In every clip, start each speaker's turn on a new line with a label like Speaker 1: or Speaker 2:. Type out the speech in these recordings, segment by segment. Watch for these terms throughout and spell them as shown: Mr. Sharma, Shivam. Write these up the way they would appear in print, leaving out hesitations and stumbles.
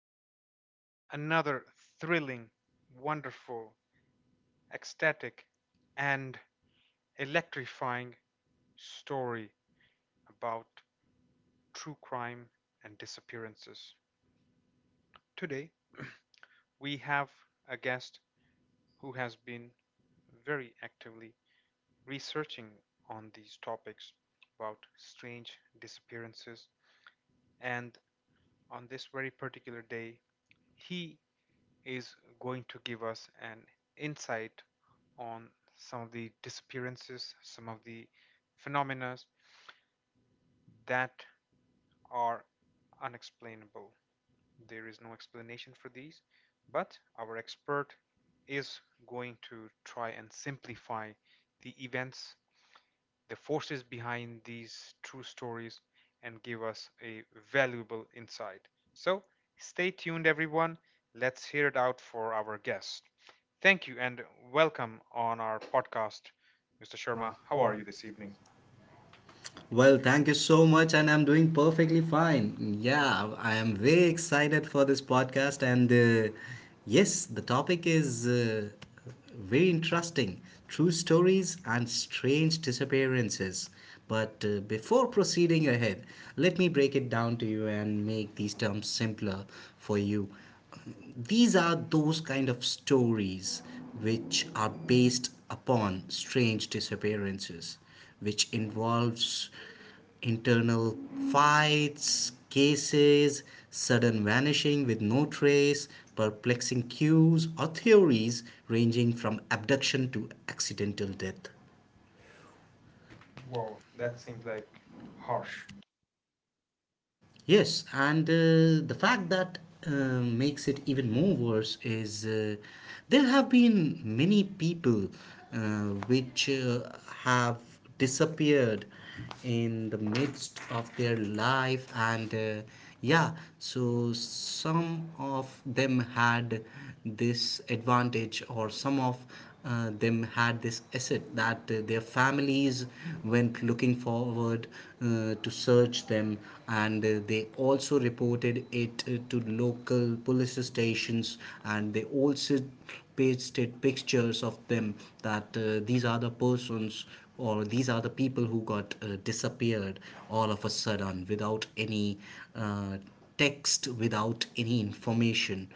Speaker 1: To yet another thrilling, wonderful, ecstatic, and electrifying story about true crime and disappearances. Today we have a guest who has been very actively researching on these topics about strange disappearances, and on this very particular day, he is going to give us an insight on some of the disappearances, some of the phenomena that are unexplainable. There is no explanation for these, but our expert is going to try and simplify the events the forces behind these true stories and give us a valuable insight. So stay tuned, everyone. Let's hear it out for our guest. Thank you and welcome on our podcast, Mr. Sharma.
Speaker 2: Sharma, how
Speaker 1: How are
Speaker 2: are
Speaker 1: you
Speaker 2: you
Speaker 1: this
Speaker 2: this
Speaker 1: evening?
Speaker 2: evening? Well, thank you so much, and I'm doing perfectly fine. Yeah, I am very excited for this podcast, and yes, the topic is very interesting true stories and strange disappearances. But before proceeding ahead, let me break it down to you and make these terms simpler for you. These are those kind of stories which are based upon strange disappearances which involves internal fights, cases, sudden vanishing with no trace, perplexing cues, or theories ranging from abduction to accidental death.
Speaker 1: Wow,
Speaker 2: Wow,
Speaker 1: that
Speaker 2: that
Speaker 1: seems
Speaker 2: seems
Speaker 1: like
Speaker 2: like
Speaker 1: harsh.
Speaker 2: harsh. Yes, and the fact that uh, makes it even more worse is there have been many people which have disappeared in the midst of their life, and yeah, so some of them had this advantage, or some of them had this asset that their families went looking forward to search them, and they also reported it to local police stations, and they also pasted pictures of them that these are the persons or these are the people who got disappeared all of a sudden, without any uh, text, without any information.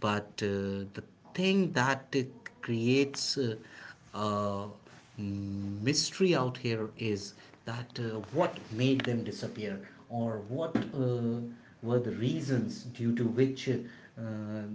Speaker 2: But the thing that creates uh, mystery out here is that what made them disappear, or what were the reasons due to which uh,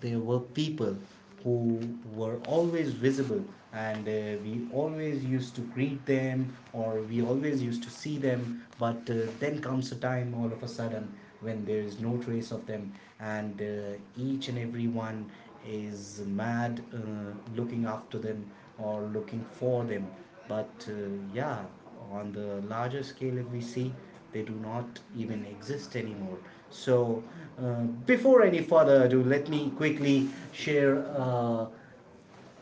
Speaker 2: there were people who were always visible, and we always used to greet them, or we always used to see them. But then comes a time, all of a sudden, when there is no trace of them, and each and every one is mad looking after them or looking for them. But yeah, on the larger scale, if we see, they do not even exist anymore. So, before any further ado, let me quickly share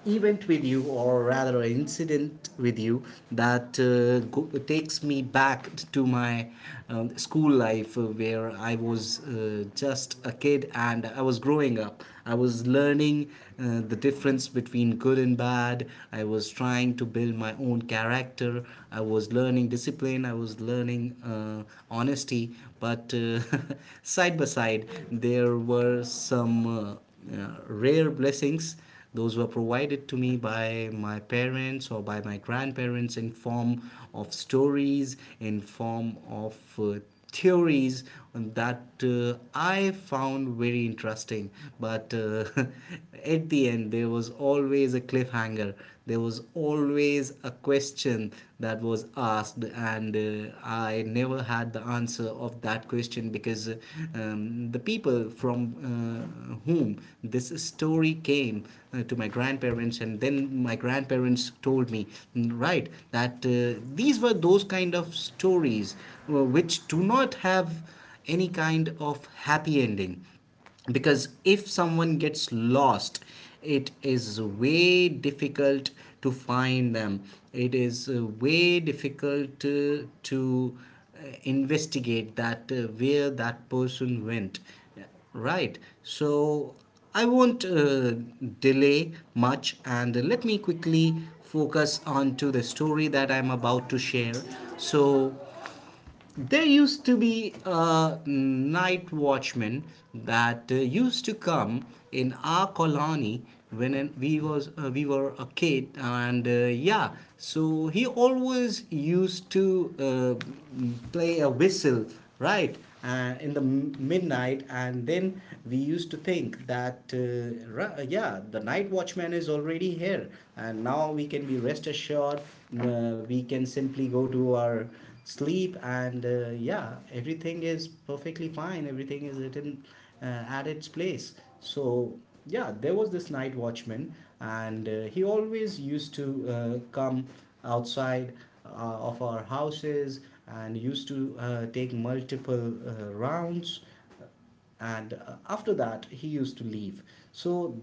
Speaker 2: event with you, or rather an incident with you, that takes me back to my school life, where I was just a kid, and I was growing up. I was learning the difference between good and bad. I was trying to build my own character. I was learning discipline. I was learning honesty. But side by side, there were some rare blessings. Those were provided to me by my parents or by my grandparents in form of stories, in form of theories that I found very interesting. But at the end, there was always a cliffhanger. There was always a question that was asked, and I never had the answer of that question, because the people from whom this story came to my grandparents, and then my grandparents told me, right, that these were those kind of stories which do not have any kind of happy ending, because if someone gets lost, it is way difficult to find them. It is way difficult to investigate that where that person went, right? So I won't delay much, and let me quickly focus on to the story that I'm about to share. So there used to be a night watchman that used to come in our colony when we were a kid, and yeah, so he always used to play a whistle, right? In the midnight, and then we used to think that yeah, the night watchman is already here, and now we can be rest assured. We can simply go to our sleep. And yeah, everything is perfectly fine, everything is written at its place. So yeah, there was this night watchman, and he always used to come outside uh, of our houses, and used to take multiple rounds, and after that he used to leave. So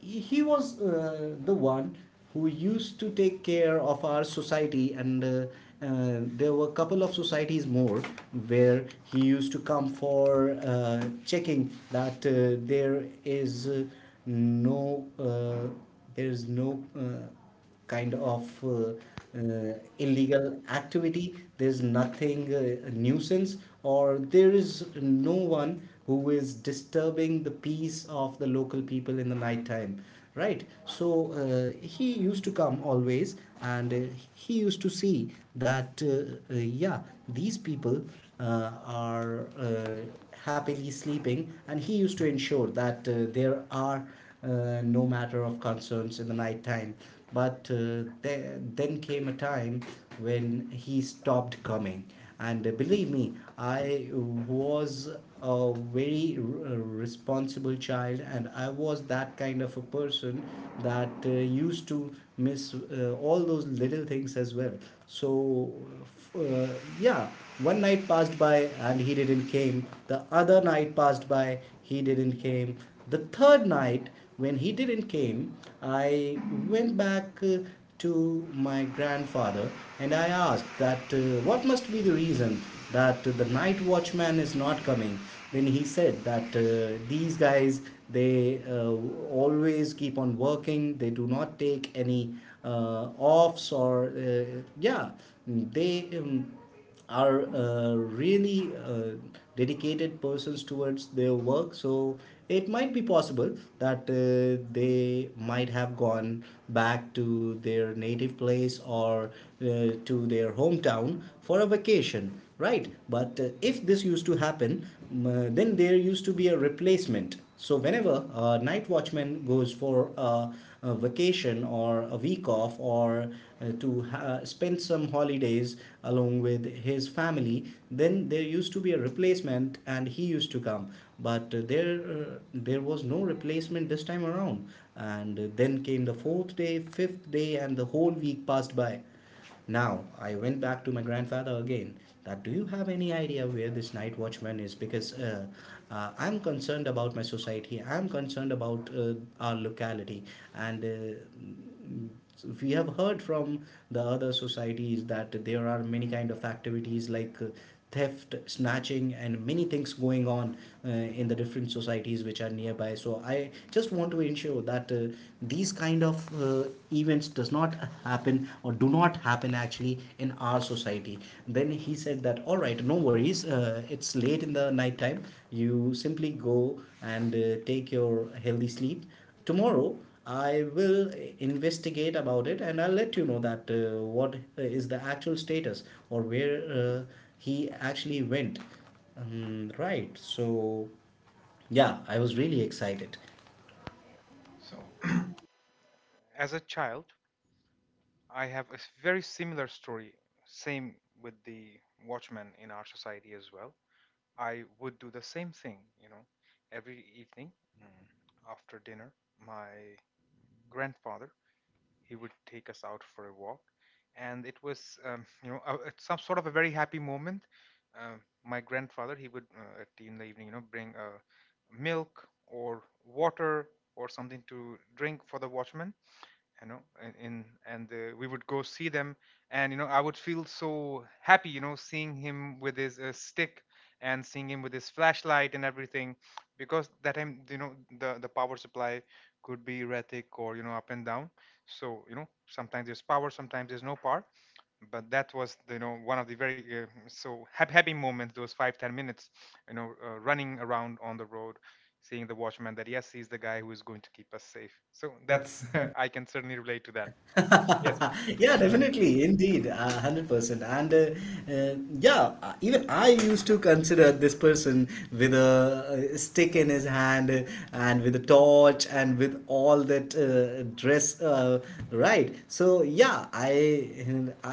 Speaker 2: he was the one who used to take care of our society. And there were a couple of societies more where he used to come for checking that no uh, there is no kind of illegal activity. There's nothing a nuisance, or there is no one who is disturbing the peace of the local people in the night time. Right, so he used to come always, and he used to see that yeah, these people are happily sleeping, and he used to ensure that there are no matter of concerns in the night time. But then came a time when he stopped coming. And believe me, I was a very responsible child, and I was that kind of a person that used to miss all those little things as well. So, f- uh, yeah, one night passed by and he didn't came. The other night passed by, he didn't came. The third night, when he didn't came, I went back to my grandfather, and I asked that what must be the reason that the night watchman is not coming. Then he said that these guys, they always keep on working. They do not take any offs, or yeah, they. Are really dedicated persons towards their work. So it might be possible that they might have gone back to their native place, or to their hometown for a vacation, right? But if this used to happen, then there used to be a replacement. So whenever a night watchman goes for a vacation, or a week off, or spend some holidays along with his family, then there used to be a replacement and he used to come. But there was no replacement this time around. And then came the fourth day, fifth day, and the whole week passed by. Now, I went back to my grandfather again. That do you have any idea where this night watchman is? Because I'm concerned about my society. I'm concerned about our locality, and so we have heard from the other societies that there are many kind of activities, like theft, snatching, and many things going on in the different societies which are nearby. So I just want to ensure that these kind of uh, events does not happen, or do not happen actually, in our society. Then he said that all right, no worries, it's late in the night time. You simply go and take your healthy sleep. Tomorrow I will investigate about it, and I'll let you know that what is the actual status, or where he actually went. Right, so yeah, I was really excited.
Speaker 1: So, as a child, I have very similar story, same with the watchman in our society as well. I would do the same thing, you know, every evening after dinner. My grandfather, he would take us out for a walk, and it was, you know, it's some sort of a very happy moment. My grandfather, he would in the evening, you know, bring milk or water or something to drink for the watchman, you know, and we would go see them. And, you know, I would feel so happy, you know, seeing him with his stick and seeing him with his flashlight and everything, because that time, you know, the power supply could be erratic, or, you know, up and down. So, you know, sometimes there's power, sometimes there's no power, but that was, you know, one of the very so happy, happy moments, those 5, 10 minutes, you know, running around on the road, seeing the watchman, that yes, he's the guy who is going to keep us safe. So that's
Speaker 2: That's
Speaker 1: I can certainly relate to
Speaker 2: yeah. Yes.
Speaker 1: that. Yes.
Speaker 2: Yeah,
Speaker 1: Eh,
Speaker 2: definitely indeed, 100% and yeah, even I used to consider this person with a stick in his hand, and with a torch, and with all that dress, right? So yeah i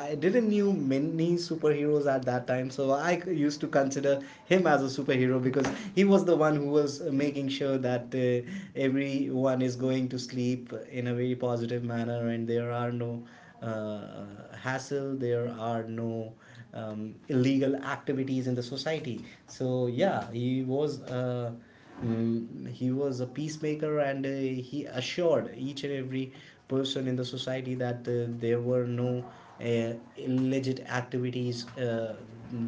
Speaker 2: i didn't knew many superheroes at that time, so I used to consider him as a superhero, because he was the one who was making sure that everyone is going to sleep in a very positive manner, and there are no uh, uh, hassle, there are no illegal activities in the society. So yeah, he was. He was a peacemaker, and he assured each and every person in the society that there were no illicit activities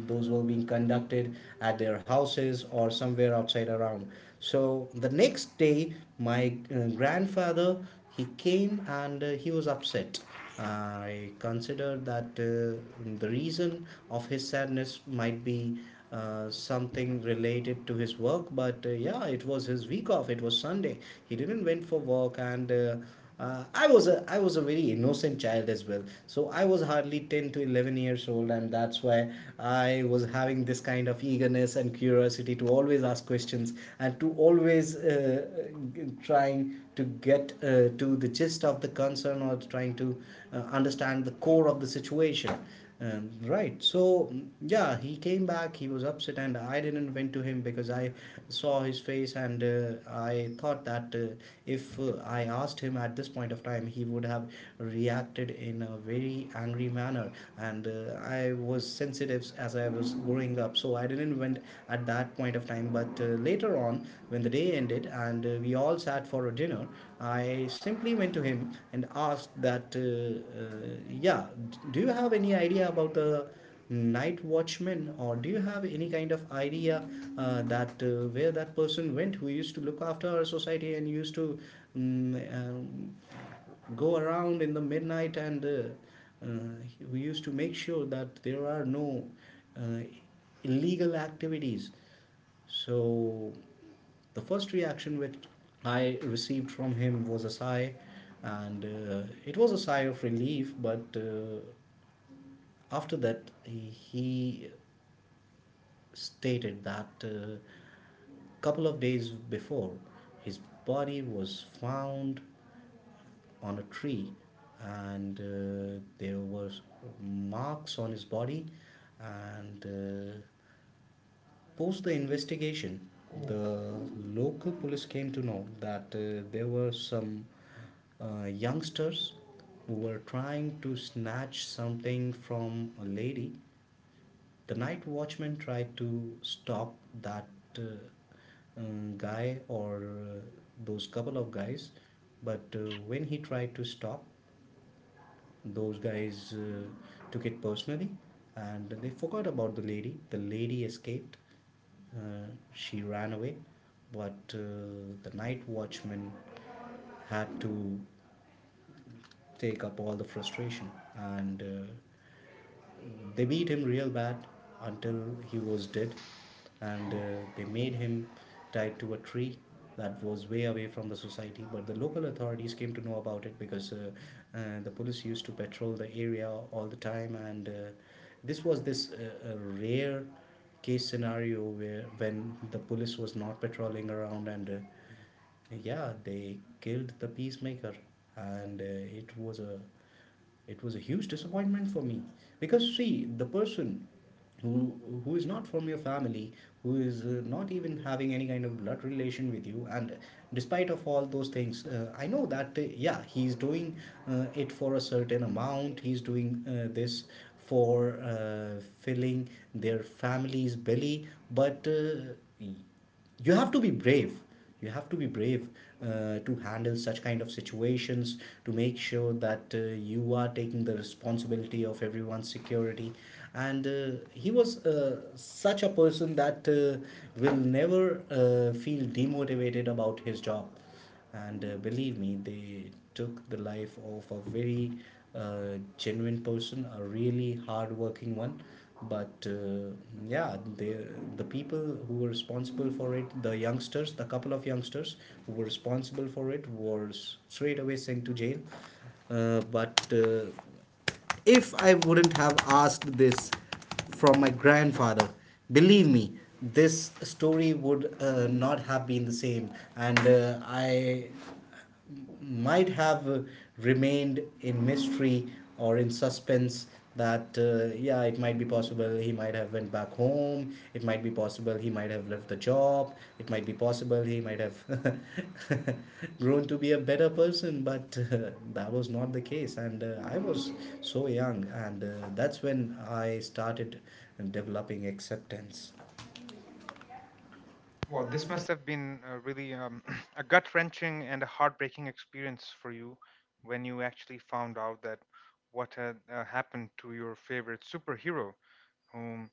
Speaker 2: those were being conducted at their houses or somewhere outside around. So the next day, my grandfather, he came, and he was upset. I considered that the reason of his sadness might be something related to his work, but yeah, it was his week off. It was Sunday. He didn't went for work, and I was a very innocent child as well. So I was hardly 10 to 11 years old, and that's why I was having this kind of eagerness and curiosity to always ask questions, and to always trying to get to the gist of the concern, or trying to understand the core of the situation. Right. So yeah, he came back. He was upset, and I didn't went to him because I saw his face, and I thought that if I asked him at this point of time, he would have reacted in a very angry manner. And I was sensitive as I was growing up, so I didn't went at that point of time. But later on, when the day ended and we all sat for a dinner, I simply went to him and asked that, yeah, do you have any idea about the night watchman? Or do you have any kind of idea that where that person went, who used to look after our society and used to um, um, go around in the midnight, and uh, who used to make sure that there are no uh, illegal activities. So the first reaction which I received from him was a sigh, and it was a sigh of relief. But after that, he stated that a couple of days before, his body was found on a tree, and there were marks on his body. And uh, post the investigation, the local police came to know that there were some youngsters who were trying to snatch something from a lady. The night watchman tried to stop that uh, guy, or those couple of guys. But when he tried to stop, those guys took it personally, and they forgot about the lady. The lady escaped, uh, she ran away. But the night watchman had to take up all the frustration, and they beat him real bad until he was dead, and they made him tied to a tree that was way away from the society. But the local authorities came to know about it, because the police used to patrol the area all the time, and this was this a rare case scenario where when the police was not patrolling around, and yeah, they killed the peacemaker. And it was a it was a huge disappointment for me, because see, the person who who is not from your family, who is not even having any kind of blood relation with you, and despite of all those things, I know that yeah, he's doing it for a certain amount. He's doing this for filling their family's belly, but you have to be brave, you have to be brave to handle such kind of situations, to make sure that you are taking the responsibility of everyone's security. And he was such a person that will never feel demotivated about his job. And believe me, they took the life of a very genuine person, a really hardworking one. But yeah, the people who were responsible for it, the youngsters, the couple of youngsters who were responsible for it, were straight away sent to jail. But if I wouldn't have asked this from my grandfather, believe me, this story would not have been the same. And I might have remained in mystery or in suspense. That yeah, it might be possible he might have went back home, it might be possible he might have left the job, it might be possible he might have grown to be a better person. But that was not the case, and I was so young, and that's when I started developing acceptance.
Speaker 1: well,
Speaker 2: Wow,
Speaker 1: this
Speaker 2: this must.
Speaker 1: must have been a really a gut wrenching and a heartbreaking experience for you, when you actually found out that what had happened to your favorite superhero, whom,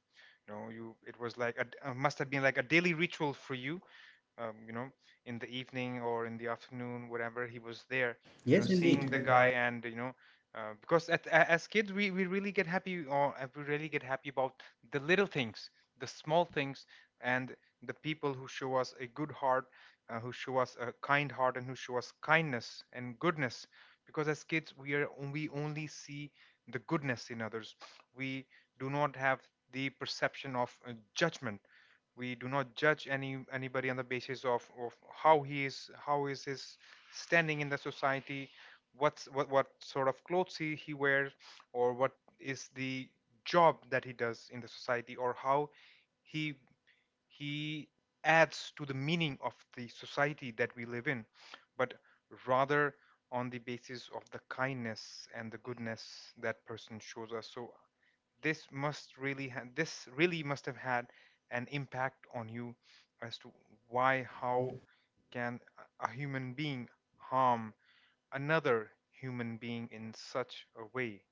Speaker 1: you know, you it was like must have been like a daily ritual for you. You know, in the evening or in the afternoon, whenever he was there, you know,
Speaker 2: Yes, have indeed
Speaker 1: seeing
Speaker 2: seen
Speaker 1: the
Speaker 2: the
Speaker 1: guy,
Speaker 2: guy.
Speaker 1: and, you know, because as kids, we really get happy, or we really get happy about the little things, the small things, and the people who show us a good heart, who show us a kind heart and who show us kindness and goodness. Because as kids, we only see the goodness in others. We do not have the perception of judgment. We do not judge anybody on the basis of how he is, how is his standing in the society, what sort of clothes he wears, or what is the job that he does in the society, or how he he adds to the meaning of the society that we live in, but rather on the basis of the kindness and the goodness that person shows us. So this must this really must have had an impact on you, as to why
Speaker 2: How.
Speaker 1: how can a human being harm another human being in such a way.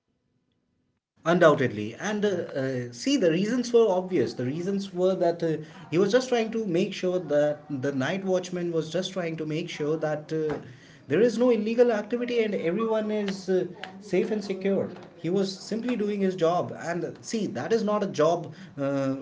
Speaker 2: Undoubtedly. And see, the reasons were obvious. The reasons were that he was just trying to make sure that the night watchman was just trying to make sure that there is no illegal activity and everyone is safe and secure. He was simply doing his job. And see, that is not a job uh,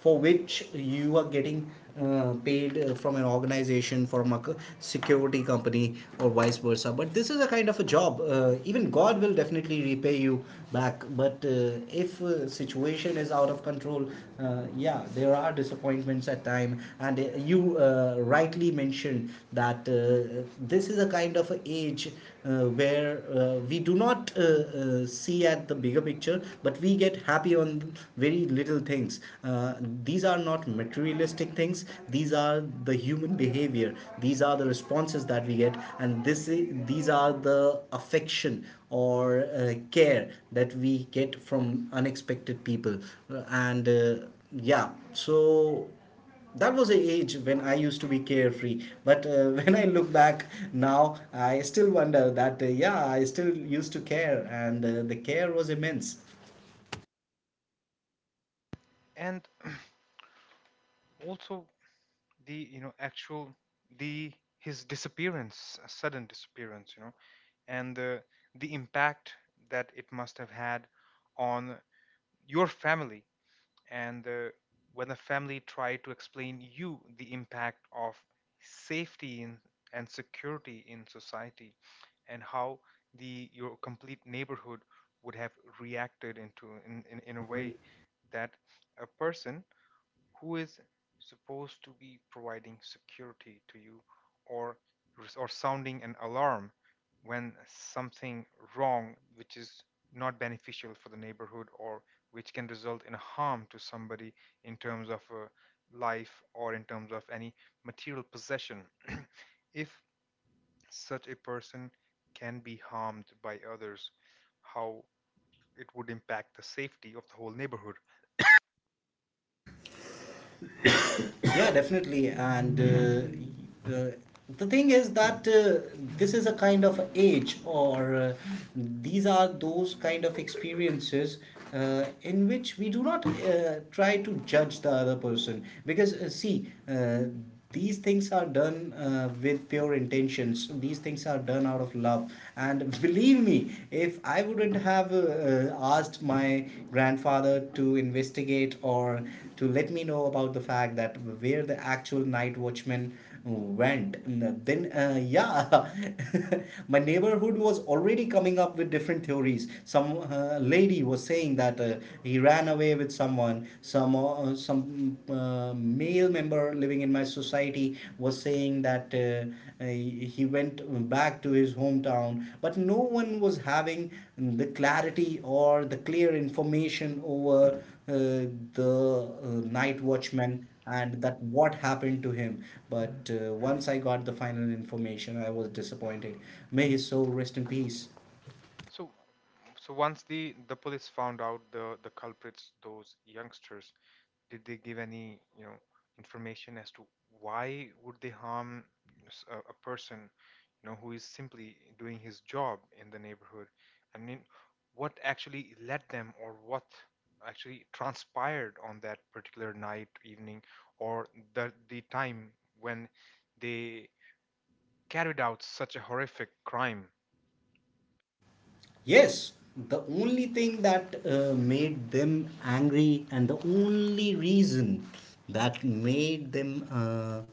Speaker 2: for which you are getting paid from an organization, from a security company or vice versa. But this is a kind of a job even God will definitely repay you back. But if situation is out of control, yeah, there are disappointments at time. And you rightly mentioned that this is a kind of a age where we do not see at the bigger picture, but we get happy on very little things. These are not materialistic things. These are the human behavior. These are the responses that we get, and these are the affection or care that we get from unexpected people. And Yeah, so that was a age when I used to be carefree. But when I look back now, I still wonder that yeah, I still used to care, and the care was immense.
Speaker 1: And also, the, you know, actual, the his disappearance, a sudden disappearance, you know, and the impact that it must have had on your family, and when the family tried to explain you the impact of safety in, and security in society, and how the your complete neighborhood would have reacted into in a
Speaker 2: In a way.
Speaker 1: way that a person who is supposed to be providing security to you, or or sounding an alarm when something wrong which is not beneficial for the neighborhood, or which can result in harm to somebody in terms of life, or in terms of any material possession, if such a person can be harmed by others, how it would impact the safety of the whole neighborhood.
Speaker 2: Yeah, definitely. Uh, the thing is that this is a kind of age, or these are those kind of experiences in which we do not try to judge the other person, because see, these things are done with pure intentions. These things are done out of love. And believe me, if I wouldn't have asked my grandfather to investigate, or to let me know about the fact that where the actual night watchman went, then yeah, my neighborhood was already coming up with different theories. Some lady was saying that he ran away with someone. Some male member living in my society was saying that he went back to his hometown. But no one was having the clarity or the clear information over uh, the night watchman and that what happened to him. But once I got the final information, I was disappointed. May his soul rest in peace.
Speaker 1: So, once the police found out the culprits, those youngsters, did they give any, you know, information as to why would they harm a person, you know, who is simply doing his job in the neighborhood? I mean, what actually led them, or what actually transpired on that particular night, evening, or the time when they carried out such a horrific crime?
Speaker 2: Yes, the only thing that made them angry, and the only reason that made them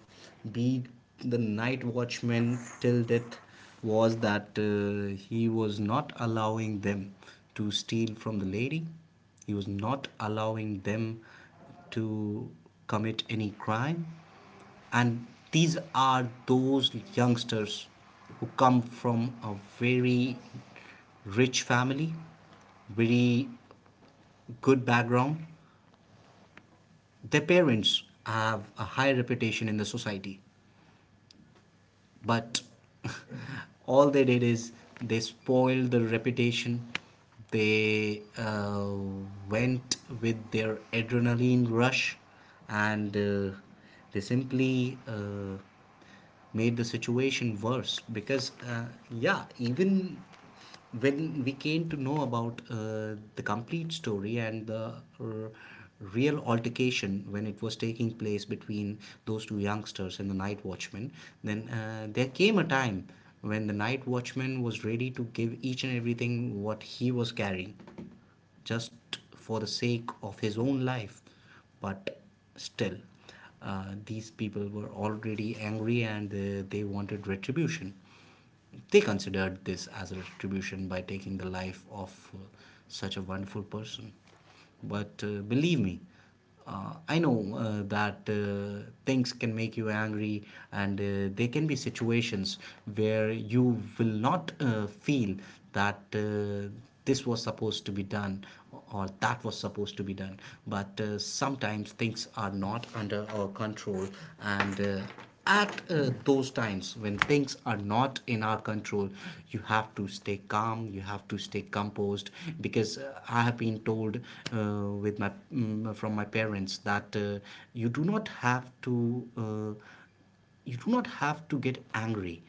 Speaker 2: be the night watchman till death, was that he was not allowing them to steal from the lady. He was not allowing them to commit any crime. And these are those youngsters who come from a very rich family, very good background. Their parents have a high reputation in the society. But all they did is they spoiled the reputation. They went with their adrenaline rush, and they simply made the situation worse. Because yeah, even when we came to know about the complete story, and the r- real altercation when it was taking place between those two youngsters and the night watchman, then there came a time when the night watchman was ready to give each and everything what he was carrying, just for the sake of his own life. But still, these people were already angry, and they wanted retribution. They considered this as a retribution, by taking the life of such a wonderful person. But believe me, I know that things can make you angry, and there can be situations where you will not feel that this was supposed to be done or that was supposed to be done. But sometimes things are not under our control. And at those times when things are not in our control, you have to stay calm, you have to stay composed. Because I have been told uh, from my parents that you do not have to uh, you do not have to get angry.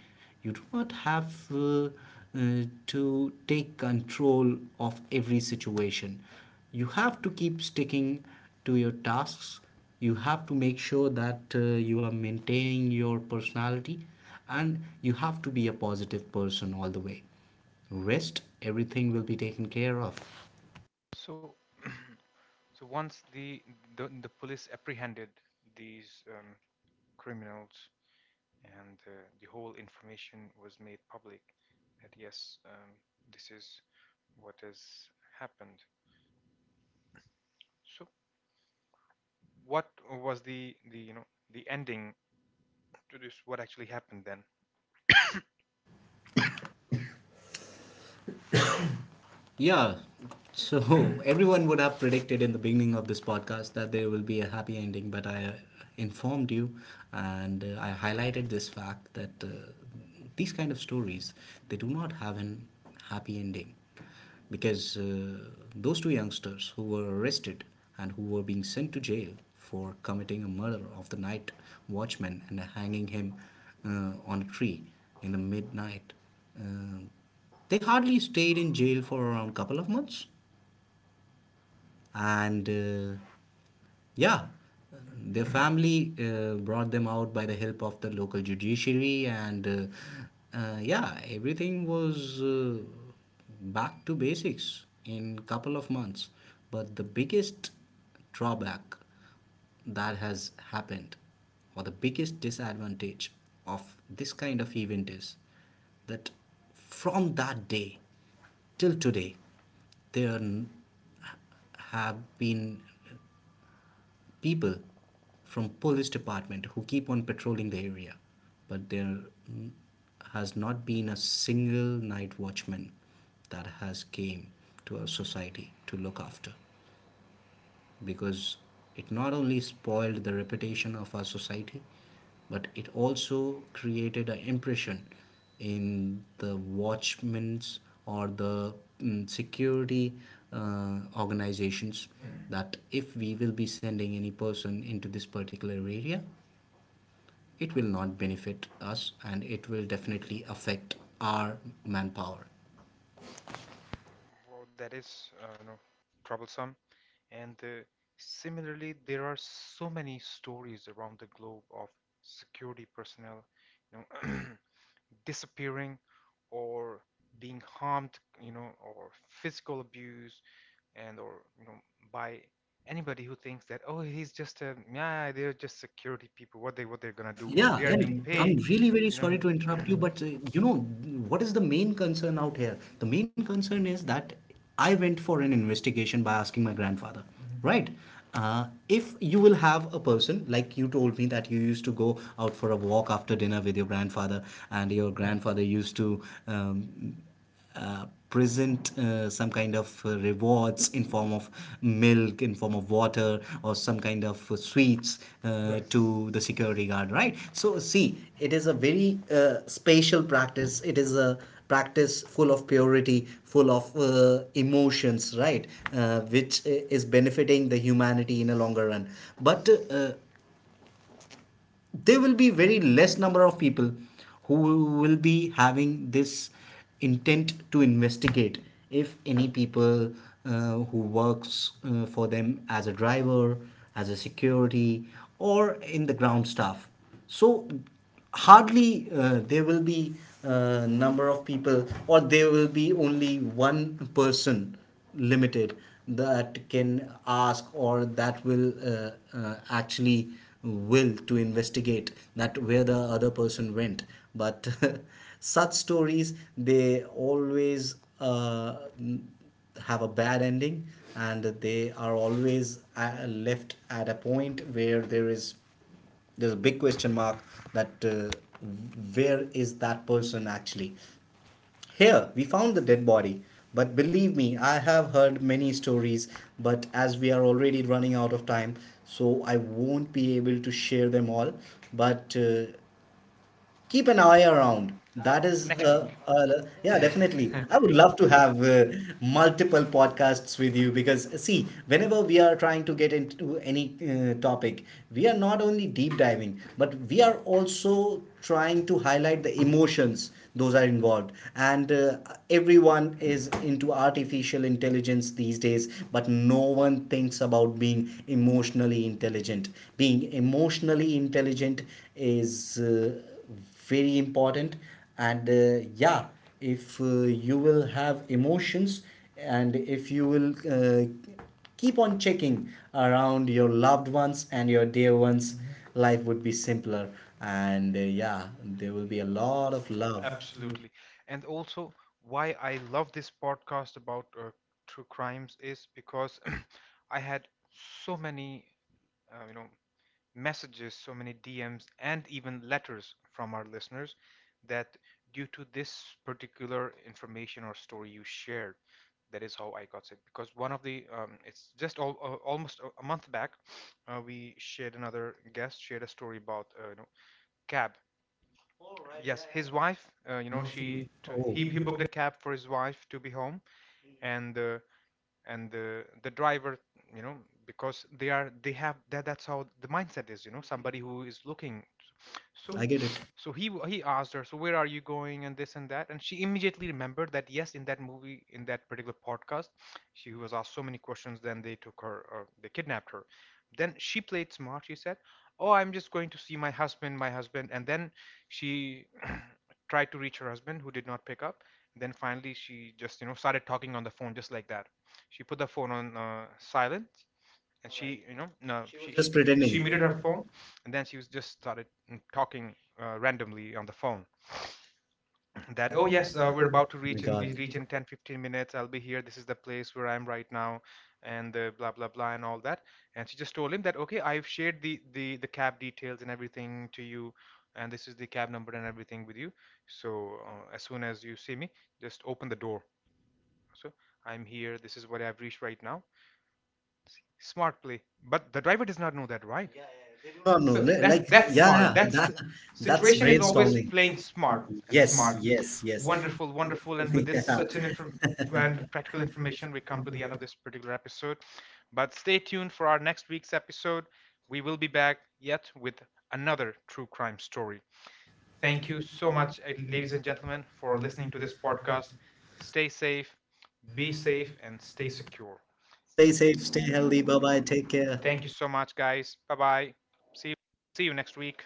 Speaker 2: You do not have to take control of every situation. You have to keep sticking to your tasks, you have to make sure that you are maintaining your personality, and you have to be a positive person all the way. Rest everything will be taken care of. Yeah. So everyone would have predicted in the beginning of this podcast that there will be a happy ending, but I informed you, and I highlighted this fact that these kind of stories, they do not have an happy ending. Because those two youngsters who were arrested and who were being sent to jail for committing a murder of the night watchman and hanging him on a tree in the midnight, uh, they hardly stayed in jail for around a couple of months. And yeah, their family brought them out by the help of the local judiciary, and yeah, everything was back to basics in couple of months. But the biggest drawback that has happened, or the biggest disadvantage of this kind of event, is that from that day till today, there have been people from police department who keep on patrolling the area. But there mm, has not been a single night watchman that has came to our society to look after. Because it not only spoiled the reputation of our society, but it also created an impression in the watchmen's, or the security organizations, that if we will be sending any person into this particular area, it will not benefit us, and it will definitely affect our manpower.
Speaker 1: Wow, that is, you know, troublesome. And similarly, there are so many stories around the globe of security personnel, you know, disappearing or being harmed, you know, or physical abuse, and or, you know, by anybody who thinks that, oh, he's just a, yeah, they're just security people. What they, what they're gonna do?
Speaker 2: Yeah,
Speaker 1: They
Speaker 2: they are
Speaker 1: are
Speaker 2: and
Speaker 1: being
Speaker 2: being I'm
Speaker 1: paid,
Speaker 2: paid. Really very
Speaker 1: you know.
Speaker 2: sorry to interrupt you, but you know, what is the main concern out here? The main concern is that I went for an investigation by asking my grandfather, right? If you will have a person, like you told me that you used to go out for a walk after dinner with your grandfather, and your grandfather used to um, present some kind of rewards in form of milk, in form of water, or some kind of sweets to the security guard, right? So see, it is a very spatial practice. It is a practice full of purity, full of emotions, right? Which is benefiting the humanity in a longer run. But there will be very less number of people who will be having this intent to investigate, if any people who works for them as a driver, as a security, or in the ground staff. So hardly there will be a number of people, or there will be only one person, limited, that can ask, or that will actually will to investigate that where the other person went. But such stories, they always uh, have a bad ending, and they are always left at a point where there's a big question mark, that where is that person actually. Here we found the dead body. But believe me, I have heard many stories, but as we are already running out of time, so I won't be able to share them all. But keep an eye around. That is,
Speaker 1: Next week.
Speaker 2: yeah, definitely. I would love to have multiple podcasts with you, because see, whenever we are trying to get into any topic, we are not only deep diving, but we are also trying to highlight the emotions those are involved. And everyone is into artificial intelligence these days, but no one thinks about being emotionally intelligent. Being emotionally intelligent is. Very important. And yeah, if you will have emotions, and if you will keep on checking around your loved ones and your dear ones, life would be simpler, and yeah, there will be a lot of love. Absolutely.
Speaker 1: Absolutely. And also, why I love this podcast about true crimes is because I had so many, you know, messages, so many DMs, and even letters from our listeners, that due to this particular information or story you shared, that is how I got sick. Because one of the, it's just all, almost a month back, we shared, another guest shared a story about, you know, cab. Yes, his wife,
Speaker 2: You
Speaker 1: you know,
Speaker 2: know, she oh he
Speaker 1: he booked a
Speaker 2: hypocrisy.
Speaker 1: cab for his wife to be home, and uh, and the driver, you know, because they are, they have that, that's how the mindset is, you know, somebody who is looking.
Speaker 2: I. So
Speaker 1: So,
Speaker 2: I get it.
Speaker 1: so he asked her, so where are you going, and this and that. And she immediately remembered that yes, in that movie, in that particular podcast, she was asked so many questions, then they took her, they kidnapped her. Then she played smart. She said, oh, I'm just going to see my husband, my husband. And then she tried to reach her husband, who did not pick up. Then finally she just, you know, started talking on the phone, just like that. She put the phone on silent, and alright, she, you know, no, she
Speaker 2: He
Speaker 1: was
Speaker 2: was
Speaker 1: just
Speaker 2: just
Speaker 1: pretending.
Speaker 2: pretending.
Speaker 1: She
Speaker 2: She
Speaker 1: muted
Speaker 2: muted
Speaker 1: her
Speaker 2: her phone.
Speaker 1: phone, and then she was just started talking randomly on the phone. That,
Speaker 2: That
Speaker 1: oh
Speaker 2: oh
Speaker 1: yes,
Speaker 2: yes, we're about oh my she's god
Speaker 1: we reach
Speaker 2: engaged.
Speaker 1: in 10, 15 minutes. I'll be here. This is the place where I'm right now, and blah blah blah and all that. And she just told him that okay, I've shared the cab details and everything to you, and this is the cab number and everything with you. So as soon as you see me, just open the door. So I'm here. This is what I've reached right now. Smart play. But the driver does not know that, right? Yeah, yeah,
Speaker 2: They
Speaker 1: they do
Speaker 2: do
Speaker 1: not know.
Speaker 2: not know.
Speaker 1: So
Speaker 2: So
Speaker 1: that. That's
Speaker 2: like, that's
Speaker 1: That's, yeah, smart.
Speaker 2: yeah, that's that,
Speaker 1: That's
Speaker 2: that's situational
Speaker 1: situation is very
Speaker 2: awareness
Speaker 1: smart, always thing.
Speaker 2: brainstorming.
Speaker 1: Playing smart.
Speaker 2: Brains.
Speaker 1: And yes,
Speaker 2: Yes,
Speaker 1: smart.
Speaker 2: smart.
Speaker 1: Yes, yes.
Speaker 2: Yes, yes. Wonderful,
Speaker 1: Wonderful,
Speaker 2: wonderful.
Speaker 1: wonderful.
Speaker 2: It's,
Speaker 1: And with
Speaker 2: it's yeah,
Speaker 1: this yeah, such
Speaker 2: such an
Speaker 1: an inform
Speaker 2: information
Speaker 1: and
Speaker 2: brand, wonderful
Speaker 1: practical
Speaker 2: information
Speaker 1: information, we
Speaker 2: for
Speaker 1: come to the
Speaker 2: company.
Speaker 1: end of
Speaker 2: Owners.
Speaker 1: this particular episode. But stay tuned for our next week's episode. We will be back yet with another true crime story. Thank
Speaker 2: Thank
Speaker 1: you
Speaker 2: you
Speaker 1: so
Speaker 2: so much,
Speaker 1: much, ladies
Speaker 2: ladies
Speaker 1: and
Speaker 2: and gentlemen,
Speaker 1: gentlemen, for
Speaker 2: for
Speaker 1: listening
Speaker 2: listening
Speaker 1: to
Speaker 2: to
Speaker 1: this
Speaker 2: this
Speaker 1: podcast.
Speaker 2: podcast.
Speaker 1: Stay safe, be
Speaker 2: Be safe,
Speaker 1: safe, and
Speaker 2: and
Speaker 1: stay
Speaker 2: stay secure.
Speaker 1: secure.
Speaker 2: Stay safe, stay healthy. Bye bye. Take care.
Speaker 1: Thank
Speaker 2: Thank
Speaker 1: you
Speaker 2: you. So
Speaker 1: so much, guys. Bye bye. See you. See you next week.